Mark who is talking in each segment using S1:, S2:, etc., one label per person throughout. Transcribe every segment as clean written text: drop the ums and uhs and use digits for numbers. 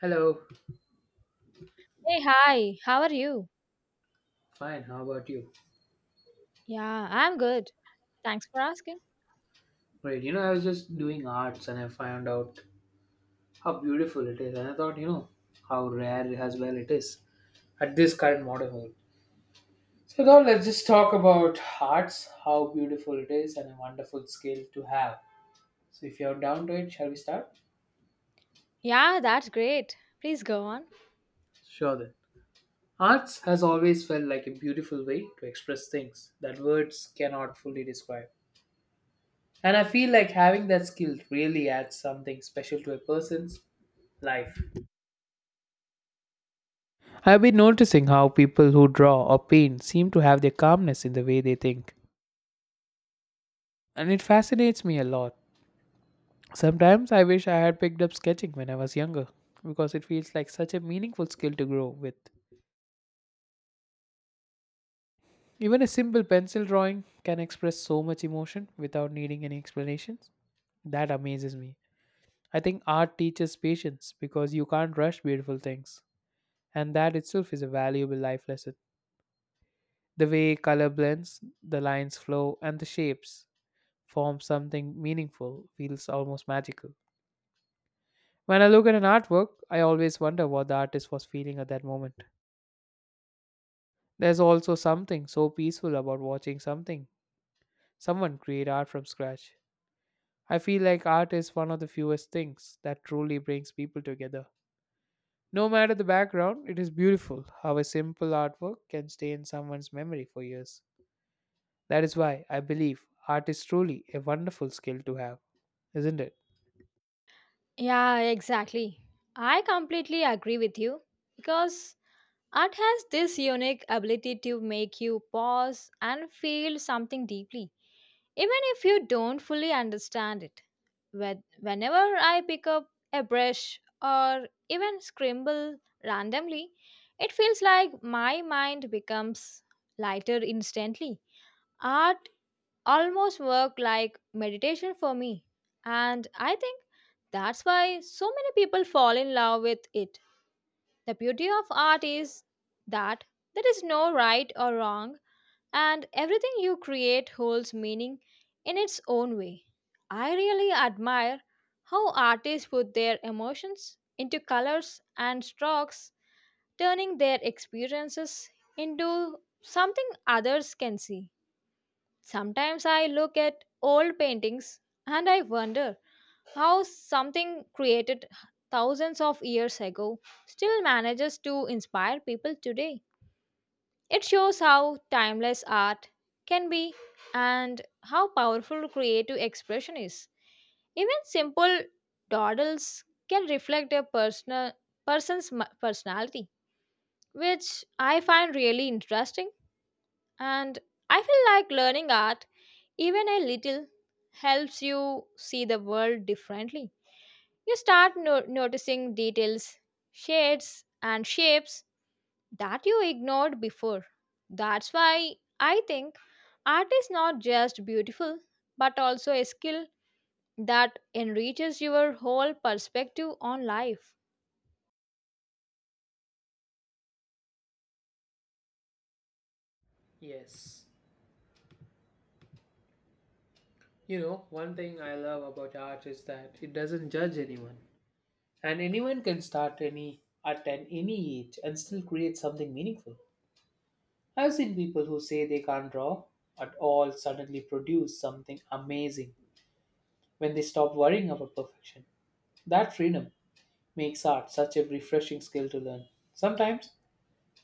S1: Hello.
S2: Hey, hi, how are you?
S1: Fine. How about you?
S2: Yeah, I'm good. Thanks for asking.
S1: Great. You know, I was just doing arts and I found out how beautiful it is. And I thought, you know, how rare as well it is at this current modern world. So now let's just talk about arts, how beautiful it is and a wonderful skill to have. So if you're down to it, shall we start?
S2: Yeah, that's great. Please go on.
S1: Sure then. Arts has always felt like a beautiful way to express things that words cannot fully describe. And I feel like having that skill really adds something special to a person's life. I've been noticing how people who draw or paint seem to have their calmness in the way they think, and it fascinates me a lot. Sometimes I wish I had picked up sketching when I was younger, because it feels like such a meaningful skill to grow with. Even a simple pencil drawing can express so much emotion without needing any explanations. That amazes me. I think art teaches patience because you can't rush beautiful things, and that itself is a valuable life lesson. The way color blends, the lines flow, and the shapes form something meaningful feels almost magical. When I look at an artwork, I always wonder what the artist was feeling at that moment. There's also something so peaceful about watching something, someone create art from scratch. I feel like art is one of the fewest things that truly brings people together. No matter the background, it is beautiful how a simple artwork can stay in someone's memory for years. That is why I believe art is truly a wonderful skill to have, isn't it?
S2: Yeah, exactly. I completely agree with you because art has this unique ability to make you pause and feel something deeply, even if you don't fully understand it. Whenever I pick up a brush or even scribble randomly, it feels like my mind becomes lighter instantly. Art almost worked like meditation for me, and I think that's why so many people fall in love with it. The beauty of art is that there is no right or wrong, and everything you create holds meaning in its own way. I really admire how artists put their emotions into colors and strokes, turning their experiences into something others can see. Sometimes I look at old paintings and I wonder how something created thousands of years ago still manages to inspire people today. It shows how timeless art can be and how powerful creative expression is. Even simple dawdles can reflect a personality, which I find really interesting and I feel like learning art even a little helps you see the world differently. You start noticing details, shades, and shapes that you ignored before. That's why I think art is not just beautiful but also a skill that enriches your whole perspective on life.
S1: Yes. You know, one thing I love about art is that it doesn't judge anyone. And anyone can start any at an any age and still create something meaningful. I've seen people who say they can't draw at all suddenly produce something amazing when they stop worrying about perfection. That freedom makes art such a refreshing skill to learn. Sometimes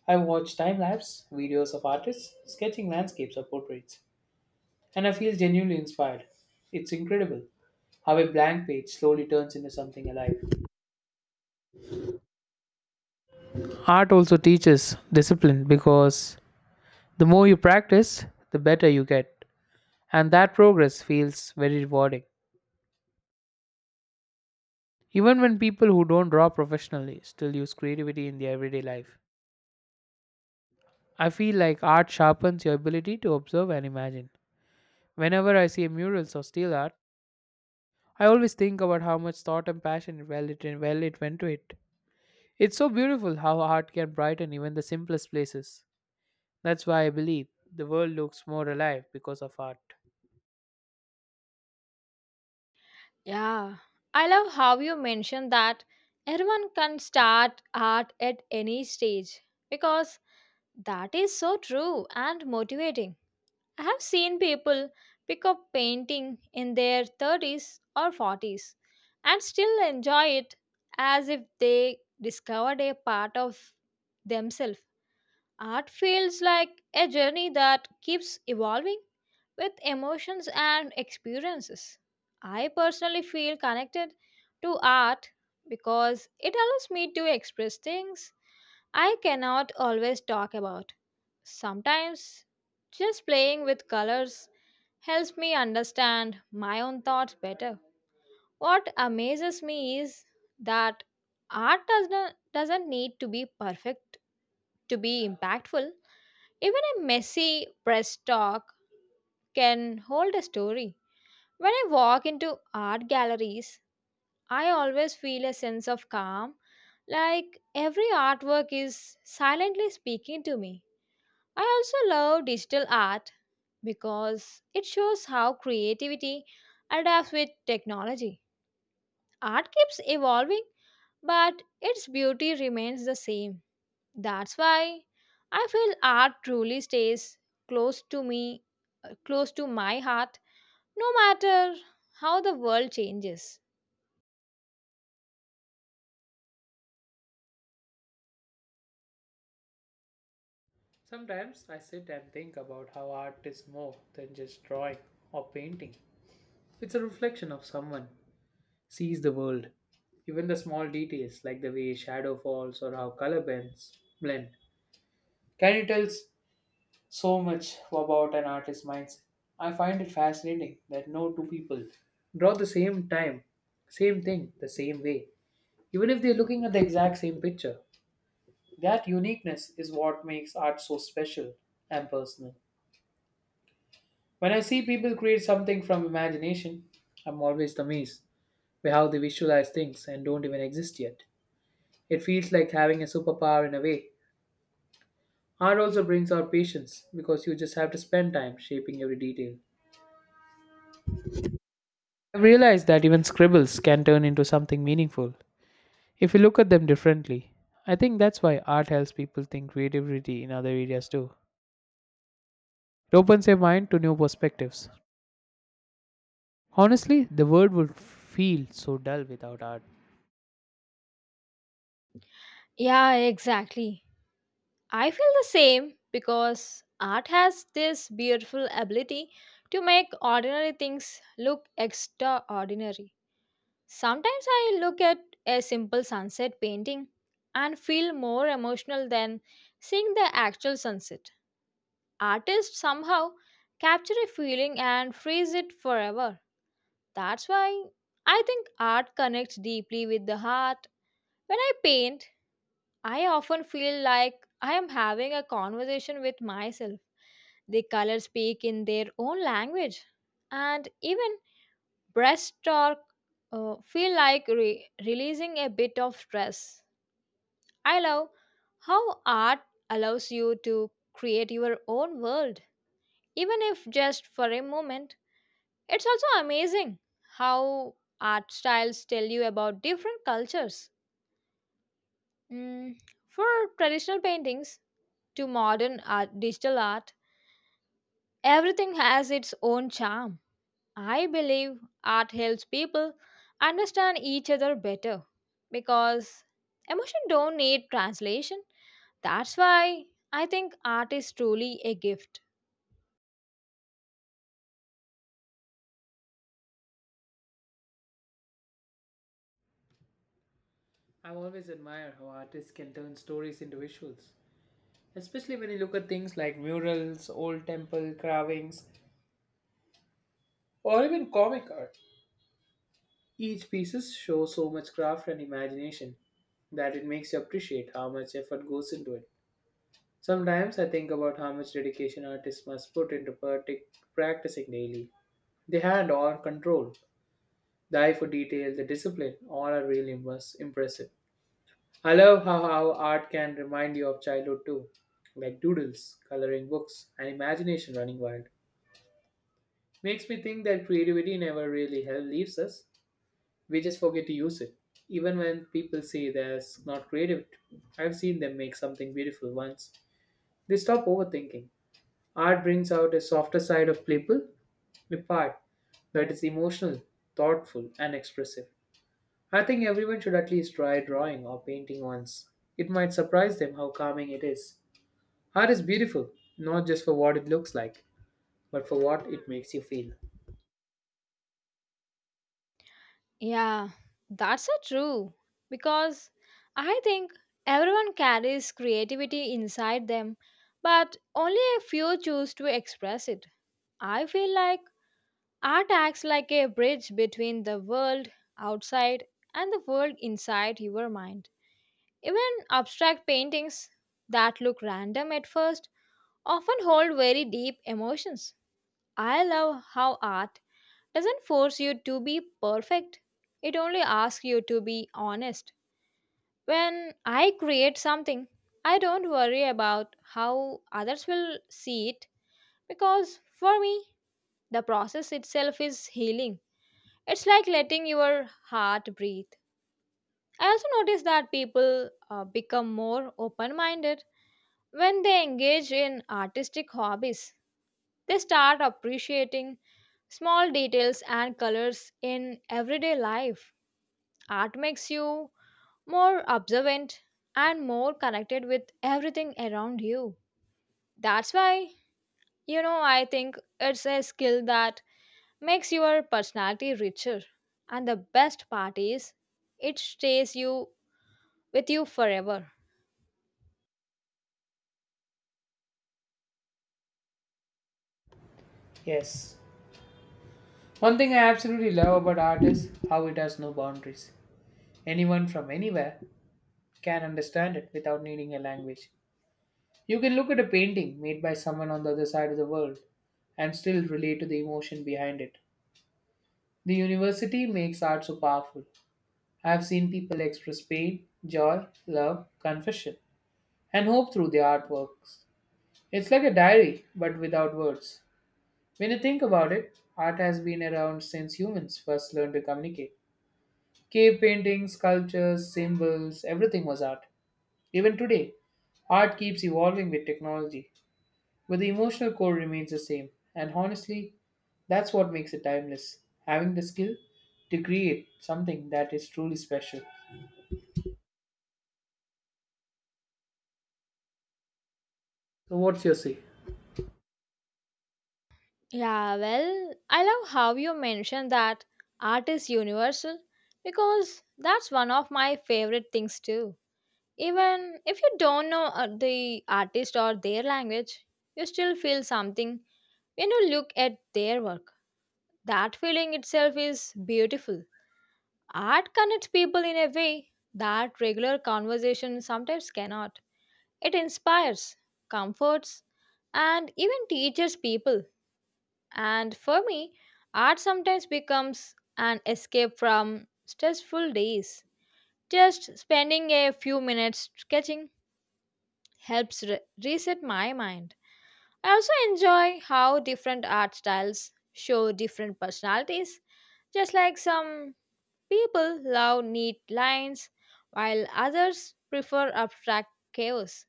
S1: I watch time lapse videos of artists sketching landscapes or portraits, and I feel genuinely inspired. It's incredible how a blank page slowly turns into something alive. Art also teaches discipline because the more you practice, the better you get. And that progress feels very rewarding. Even when people who don't draw professionally still use creativity in their everyday life. I feel like art sharpens your ability to observe and imagine. Whenever I see murals or steel art, I always think about how much thought and passion well it went to it. It's so beautiful how art can brighten even the simplest places. That's why I believe the world looks more alive because of art.
S2: Yeah, I love how you mentioned that everyone can start art at any stage because that is so true and motivating. I have seen people pick up painting in their 30s or 40s and still enjoy it as if they discovered a part of themselves. Art feels like a journey that keeps evolving with emotions and experiences. I personally feel connected to art because it allows me to express things I cannot always talk about. Sometimes just playing with colors helps me understand my own thoughts better. What amazes me is that art does not, doesn't need to be perfect to be impactful. Even a messy press talk can hold a story. When I walk into art galleries, I always feel a sense of calm, like every artwork is silently speaking to me. I also love digital art because it shows how creativity adapts with technology. Art keeps evolving, but its beauty remains the same. That's why I feel art truly stays close to me, close to my heart, no matter how the world changes.
S1: Sometimes I sit and think about how art is more than just drawing or painting. It's a reflection of someone sees the world. Even the small details like the way shadow falls or how color bends blend. Can you tell s- So much about an artist's mindset? I find it fascinating that no two people draw the same time, same thing, the same way, even if they're looking at the exact same picture. That uniqueness is what makes art so special and personal. When I see people create something from imagination, I'm always amazed by how they visualize things and don't even exist yet. It feels like having a superpower in a way. Art also brings out patience because you just have to spend time shaping every detail. I've realized that even scribbles can turn into something meaningful if you look at them differently. I think that's why art helps people think creativity in other areas too. It opens their mind to new perspectives. Honestly, the world would feel so dull without art.
S2: Yeah, exactly. I feel the same because art has this beautiful ability to make ordinary things look extraordinary. Sometimes I look at a simple sunset painting and feel more emotional than seeing the actual sunset. Artists somehow capture a feeling and freeze it forever. That's why I think art connects deeply with the heart. When I paint, I often feel like I am having a conversation with myself. The colors speak in their own language, and even breaststroke releasing a bit of stress. I love how art allows you to create your own world, even if just for a moment. It's also amazing how art styles tell you about different cultures. Mm, for traditional paintings to modern art, digital art, everything has its own charm. I believe art helps people understand each other better because emotion don't need translation. That's why I think art is truly a gift.
S1: I've always admired how artists can turn stories into visuals, especially when you look at things like murals, old temple carvings, or even comic art. Each piece shows so much craft and imagination that it makes you appreciate how much effort goes into it. Sometimes I think about how much dedication artists must put into practicing daily. The hand or control, the eye for detail, the discipline, all are really impressive. I love how art can remind you of childhood too, like doodles, coloring books, and imagination running wild. Makes me think that creativity never really hell leaves us. We just forget to use it. Even when people say that's not creative, I've seen them make something beautiful once. They stop overthinking. Art brings out a softer side of people, a part that is emotional, thoughtful, and expressive. I think everyone should at least try drawing or painting once. It might surprise them how calming it is. Art is beautiful, not just for what it looks like, but for what it makes you feel.
S2: Yeah, that's so true because I think everyone carries creativity inside them, but only a few choose to express it. I feel like art acts like a bridge between the world outside and the world inside your mind. Even abstract paintings that look random at first often hold very deep emotions. I love how art doesn't force you to be perfect, it only asks you to be honest. When I create something, I don't worry about how others will see it because for me, the process itself is healing. It's like letting your heart breathe. I also notice that people become more open minded when they engage in artistic hobbies. They start appreciating small details and colors in everyday life. Art makes you more observant and more connected with everything around you. That's why, you know, I think it's a skill that makes your personality richer. And the best part is, it stays you with you forever.
S1: Yes. One thing I absolutely love about art is how it has no boundaries. Anyone from anywhere can understand it without needing a language. You can look at a painting made by someone on the other side of the world and still relate to the emotion behind it. The university makes art so powerful. I have seen people express pain, joy, love, confession, and hope through their artworks. It's like a diary, but without words. When you think about it, art has been around since humans first learned to communicate. Cave paintings, sculptures, symbols, everything was art. Even today, art keeps evolving with technology, but the emotional core remains the same. And honestly, that's what makes it timeless, having the skill to create something that is truly special. So, what's your say?
S2: Yeah, well, I love how you mentioned that art is universal because that's one of my favorite things too. Even if you don't know the artist or their language, you still feel something when you look at their work. That feeling itself is beautiful. Art connects people in a way that regular conversation sometimes cannot. It inspires, comforts, and even teaches people, and for me, art sometimes becomes an escape from stressful days. Just spending a few minutes sketching helps reset my mind. I also enjoy how different art styles show different personalities. Just like some people love neat lines, while others prefer abstract chaos.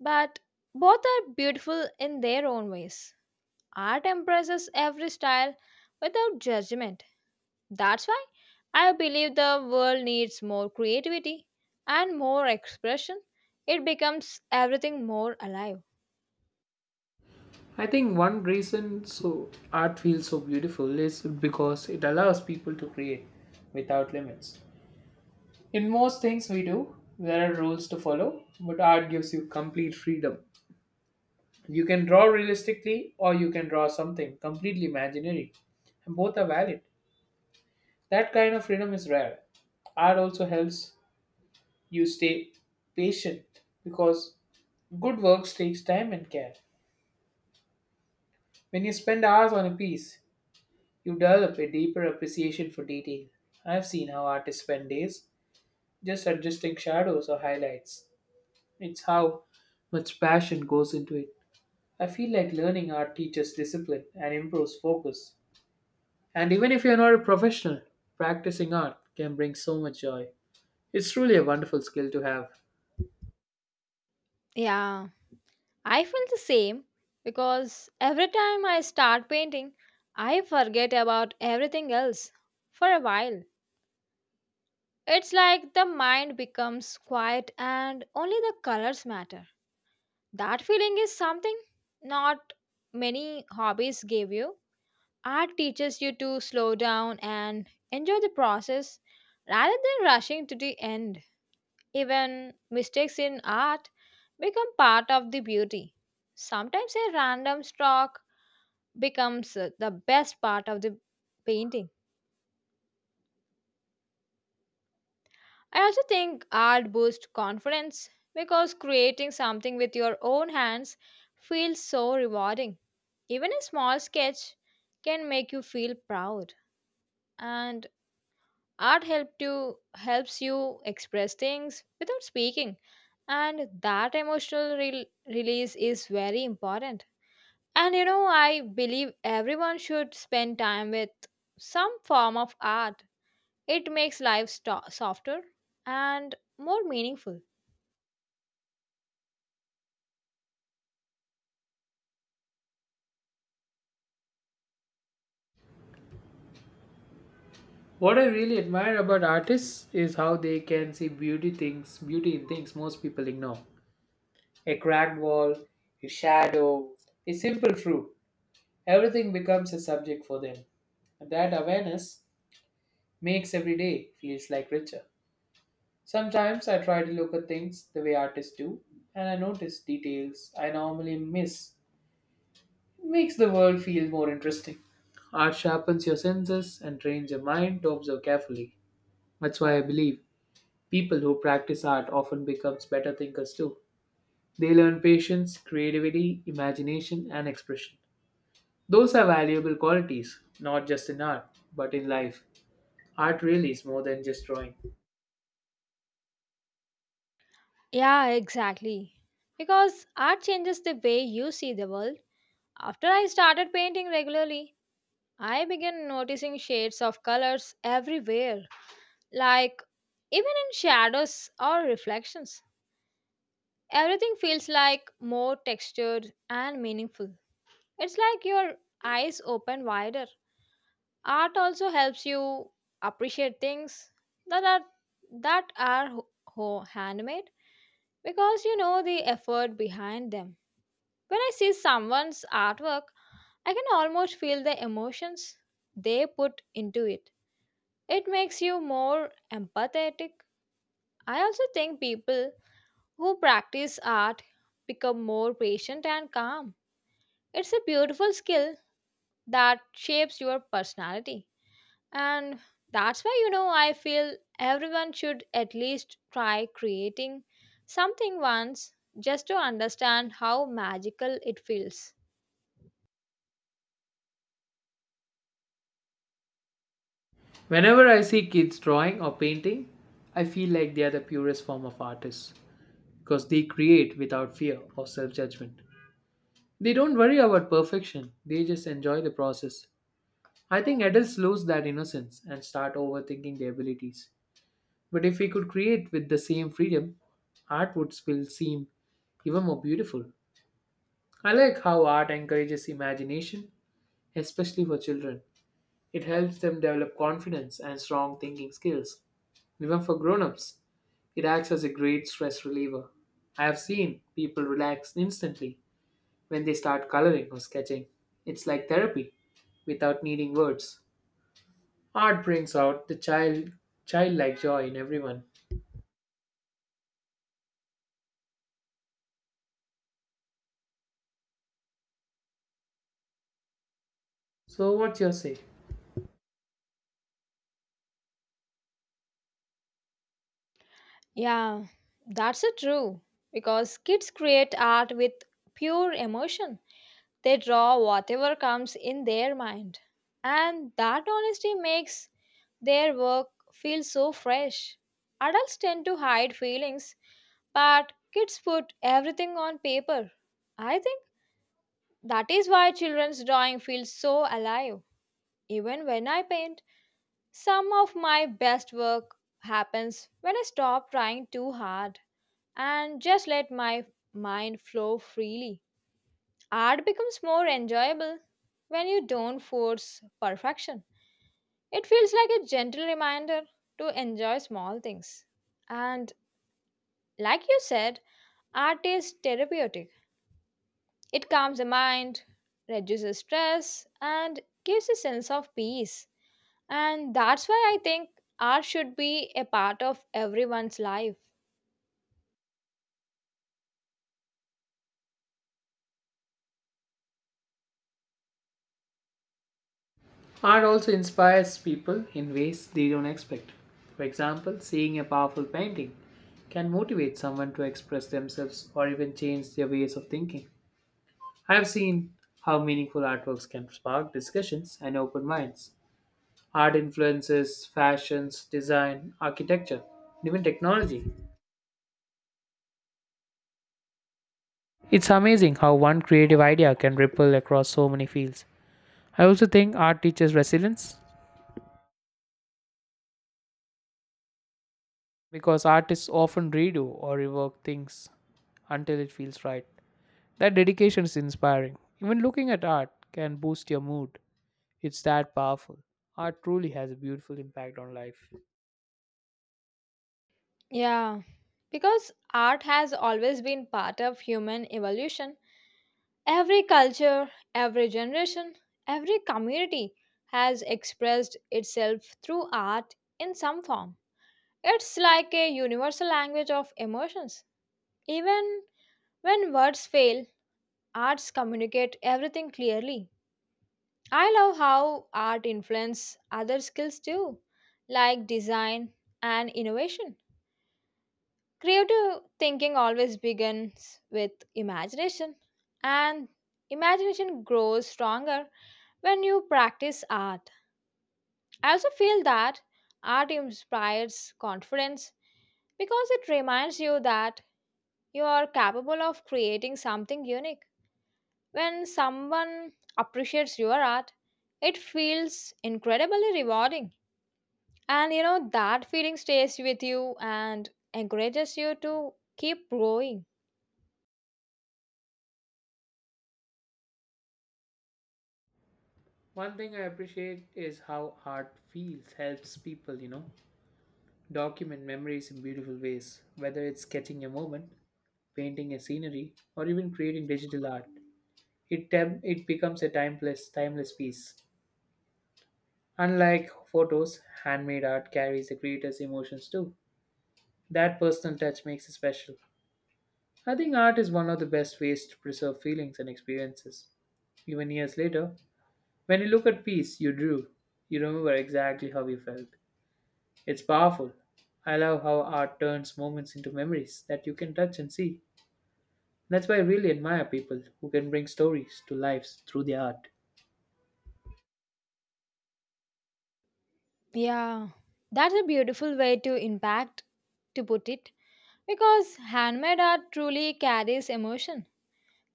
S2: But both are beautiful in their own ways. Art embraces every style without judgment. That's why I believe the world needs more creativity and more expression. It becomes everything more alive.
S1: I think one reason so art feels so beautiful is because it allows people to create without limits. In most things we do, there are rules to follow, but art gives you complete freedom. You can draw realistically or you can draw something completely imaginary, and both are valid. That kind of freedom is rare. Art also helps you stay patient because good works takes time and care. When you spend hours on a piece, you develop a deeper appreciation for detail. I've seen how artists spend days just adjusting shadows or highlights. It's how much passion goes into it. I feel like learning art teaches discipline and improves focus. And even if you're not a professional, practicing art can bring so much joy. It's truly a wonderful skill to have.
S2: Yeah, I feel the same because every time I start painting, I forget about everything else for a while. It's like the mind becomes quiet and only the colors matter. That feeling is something not many hobbies give you. Art teaches you to slow down and enjoy the process rather than rushing to the end. Even mistakes in art become part of the beauty. Sometimes a random stroke becomes the best part of the painting. I also think art boosts confidence because creating something with your own hands feels so rewarding. Even a small sketch can make you feel proud. And Art help to helps you express things without speaking, and that emotional release is very important. And you know, I believe everyone should spend time with some form of art. It makes life softer and more meaningful.
S1: What I really admire about artists is how they can see beauty in things most people ignore. A cracked wall, a shadow, a simple fruit. Everything becomes a subject for them. And that awareness makes every day feels like richer. Sometimes I try to look at things the way artists do, and I notice details I normally miss. It makes the world feel more interesting. Art sharpens your senses and trains your mind to observe carefully. That's why I believe people who practice art often becomes better thinkers too. They learn patience, creativity, imagination and expression. Those are valuable qualities, not just in art, but in life. Art really is more than just drawing.
S2: Yeah, exactly. Because art changes the way you see the world. After I started painting regularly, I began noticing shades of colors everywhere. Like, even in shadows or reflections, everything feels like more textured and meaningful. It's like your eyes open wider. Art also helps you appreciate things that are that are handmade because you know the effort behind them. When I see someone's artwork, I can almost feel the emotions they put into it. It makes you more empathetic. I also think people who practice art become more patient and calm. It's a beautiful skill that shapes your personality. And that's why, you know, I feel everyone should at least try creating something once just to understand how magical it feels.
S1: Whenever I see kids drawing or painting, I feel like they are the purest form of artists because they create without fear or self judgment. They don't worry about perfection, they just enjoy the process. I think adults lose that innocence and start overthinking their abilities. But if we could create with the same freedom, art would still seem even more beautiful. I like how art encourages imagination, especially for children. It helps them develop confidence and strong thinking skills. Even for grown-ups, it acts as a great stress reliever. I have seen people relax instantly when they start coloring or sketching. It's like therapy without needing words. Art brings out the childlike joy in everyone. So what's your say?
S2: Yeah, that's a true. Because kids create art with pure emotion. They draw whatever comes in their mind. And that honesty makes their work feels so fresh. Adults tend to hide feelings, but kids put everything on paper. I think that is why children's drawing feels so alive. Even when I paint, some of my best work happens when I stop trying too hard and just let my mind flow freely. Art becomes more enjoyable when you don't force perfection. It feels like a gentle reminder to enjoy small things. And like you said, art is therapeutic. It calms the mind, reduces stress, and gives a sense of peace. And that's why I think art should be a part of everyone's life.
S1: Art also inspires people in ways they don't expect. For example, seeing a powerful painting can motivate someone to express themselves or even change their ways of thinking. I have seen how meaningful artworks can spark discussions and open minds. Art influences fashions, design, architecture, and even technology. It's amazing how one creative idea can ripple across so many fields. I also think art teaches resilience because artists often redo or rework things until it feels right. That dedication is inspiring. Even looking at art can boost your mood. It's that powerful. Art truly has a beautiful impact on life.
S2: Yeah, because art has always been part of human evolution. Every culture, every generation, every community has expressed itself through art in some form. It's like a universal language of emotions. Even when words fail, arts communicate everything clearly. I love how art influences other skills too, like design and innovation. Creative thinking always begins with imagination, and imagination grows stronger when you practice art. I also feel that art inspires confidence because it reminds you that you are capable of creating something unique. When someone appreciates your art, it feels incredibly rewarding. And you know, that feeling stays with you and encourages you to keep growing.
S1: One thing I appreciate is how helps people, you know, document memories in beautiful ways, whether it's sketching a moment, painting a scenery, or even creating digital art. It, it becomes a timeless piece. Unlike photos, handmade art carries the creator's emotions too. That personal touch makes it special. I think art is one of the best ways to preserve feelings and experiences. Even years later, when you look at piece you drew, you remember exactly how you felt. It's powerful. I love how art turns moments into memories that you can touch and see. That's why I really admire people who can bring stories to lives through their art.
S2: Yeah, that's a beautiful way to impact to put it, because handmade art truly carries emotion.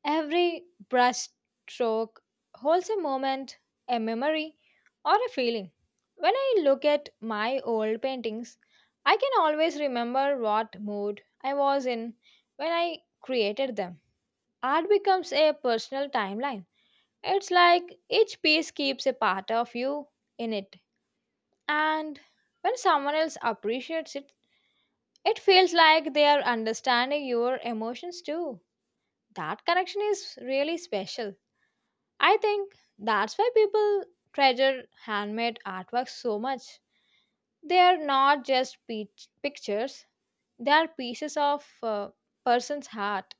S2: Every brush stroke holds a moment, a memory, or a feeling. When I look at my old paintings, I can always remember what mood I was in when I created them. Art becomes a personal timeline. It's like each piece keeps a part of you in it. And when someone else appreciates it, it feels like they are understanding your emotions too. That connection is really special. I think that's why people treasure handmade artwork so much. They are not just pictures, they are pieces of a person's heart.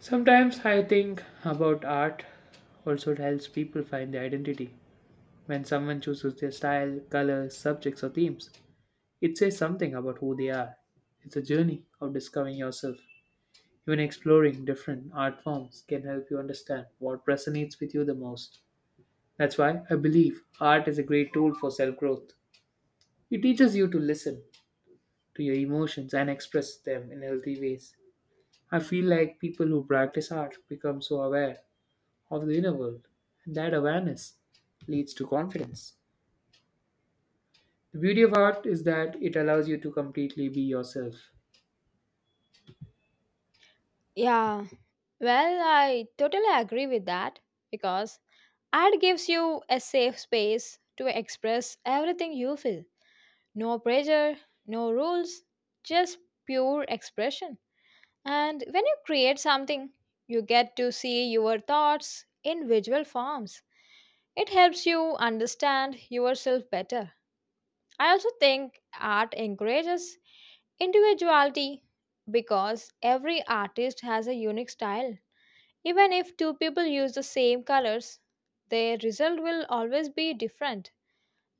S1: Sometimes I think about art also helps people find their identity. When someone chooses their style, colors, subjects, or themes, it says something about who they are. It's a journey of discovering yourself. Even exploring different art forms can help you understand what resonates with you the most. That's why I believe art is a great tool for self growth. It teaches you to listen to your emotions and express them in healthy ways. I feel like people who practice art become so aware of the inner world, and that awareness leads to confidence. The beauty of art is that it allows you to completely be yourself.
S2: Yeah, well, I totally agree with that because art gives you a safe space to express everything you feel. No pressure, no rules, just pure expression. And when you create something, you get to see your thoughts in visual forms. It helps you understand yourself better. I also think art encourages individuality because every artist has a unique style. Even if two people use the same colors, their result will always be different.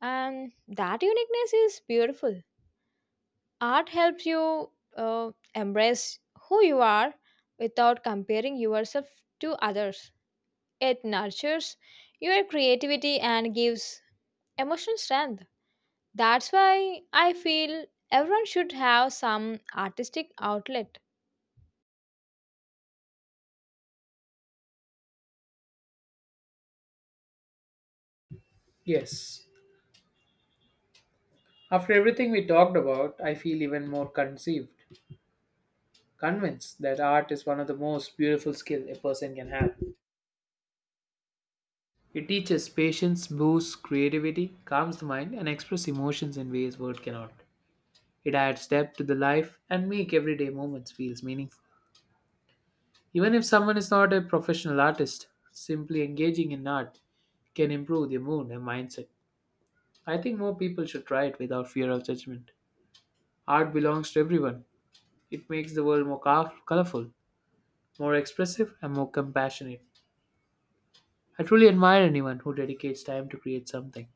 S2: And that uniqueness is beautiful. Art helps you embrace who you are without comparing yourself to others. It nurtures your creativity and gives emotional strength. That's why I feel everyone should have some artistic outlet.
S1: Yes. After everything we talked about, I feel even more convinced that art is one of the most beautiful skill a person can have. It teaches patience, boosts creativity, calms the mind, and expresses emotions in ways words cannot. It adds depth to the life and make everyday moments feels meaningful. Even if someone is not a professional artist, simply engaging in art can improve their mood and mindset. I think more people should try it without fear of judgment. Art belongs to everyone. It makes the world more colorful, more expressive, and more compassionate. I truly admire anyone who dedicates time to create something.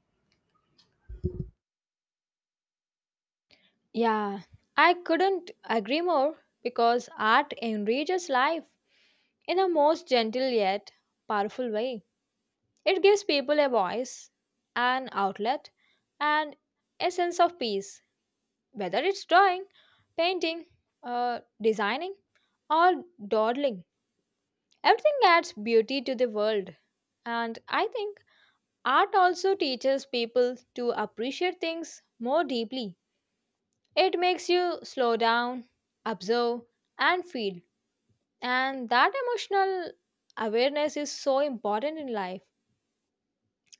S2: Yeah, I couldn't agree more because art enriches life in a most gentle yet powerful way. It gives people a voice, an outlet, and a sense of peace, whether it's drawing, painting, designing, or dawdling. Everything adds beauty to the world. And I think art also teaches people to appreciate things more deeply. It makes you slow down, observe, and feel. And that emotional awareness is so important in life.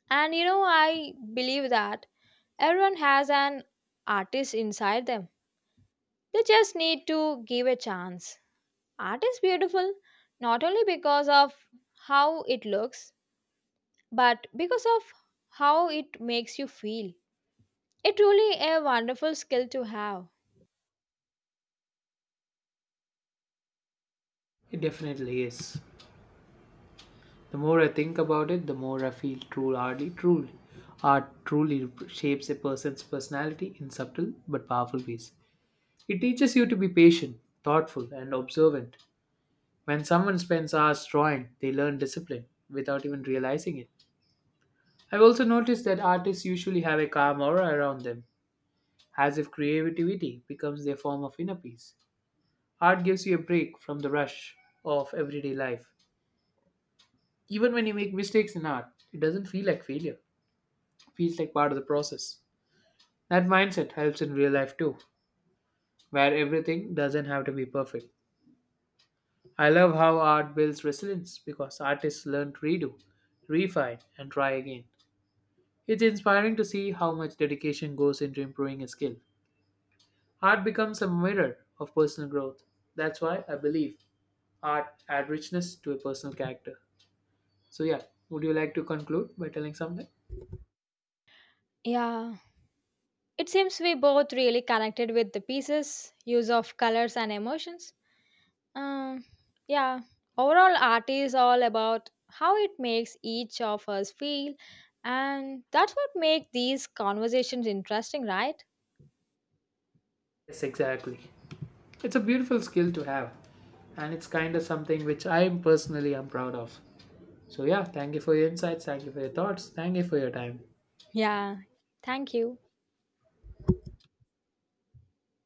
S2: And you know, I believe that everyone has an artist inside them. They just need to give a chance. Art is beautiful not only because of how it looks, but because of how it makes you feel. It really a wonderful skill to have.
S1: It definitely is. The more I think about it, the more I feel true, hardly truly. Art truly shapes a person's personality in subtle but powerful ways. It teaches you to be patient, thoughtful, and observant. When someone spends hours drawing, they learn discipline without even realizing it. I've also noticed that artists usually have a calm aura around them, as if creativity becomes their form of inner peace. Art gives you a break from the rush of everyday life. Even when you make mistakes in art, it doesn't feel like failure. Feels like part of the process. That mindset helps in real life too, where everything doesn't have to be perfect. I love how art builds resilience because artists learn to redo, refine, and try again. It's inspiring to see how much dedication goes into improving a skill. Art becomes a mirror of personal growth. That's why I believe art adds richness to a personal character. So, yeah, would you like to conclude by telling something?
S2: Yeah. It seems we both really connected with the pieces, use of colors and emotions. Um, yeah, overall, art is all about how it makes each of us feel, and that's what makes these conversations interesting, right?
S1: Yes, exactly. It's a beautiful skill to have, and it's kind of something which I personally am proud of. So yeah, thank you for your insights, thank you for your thoughts, thank you for your time.
S2: Yeah, thank you.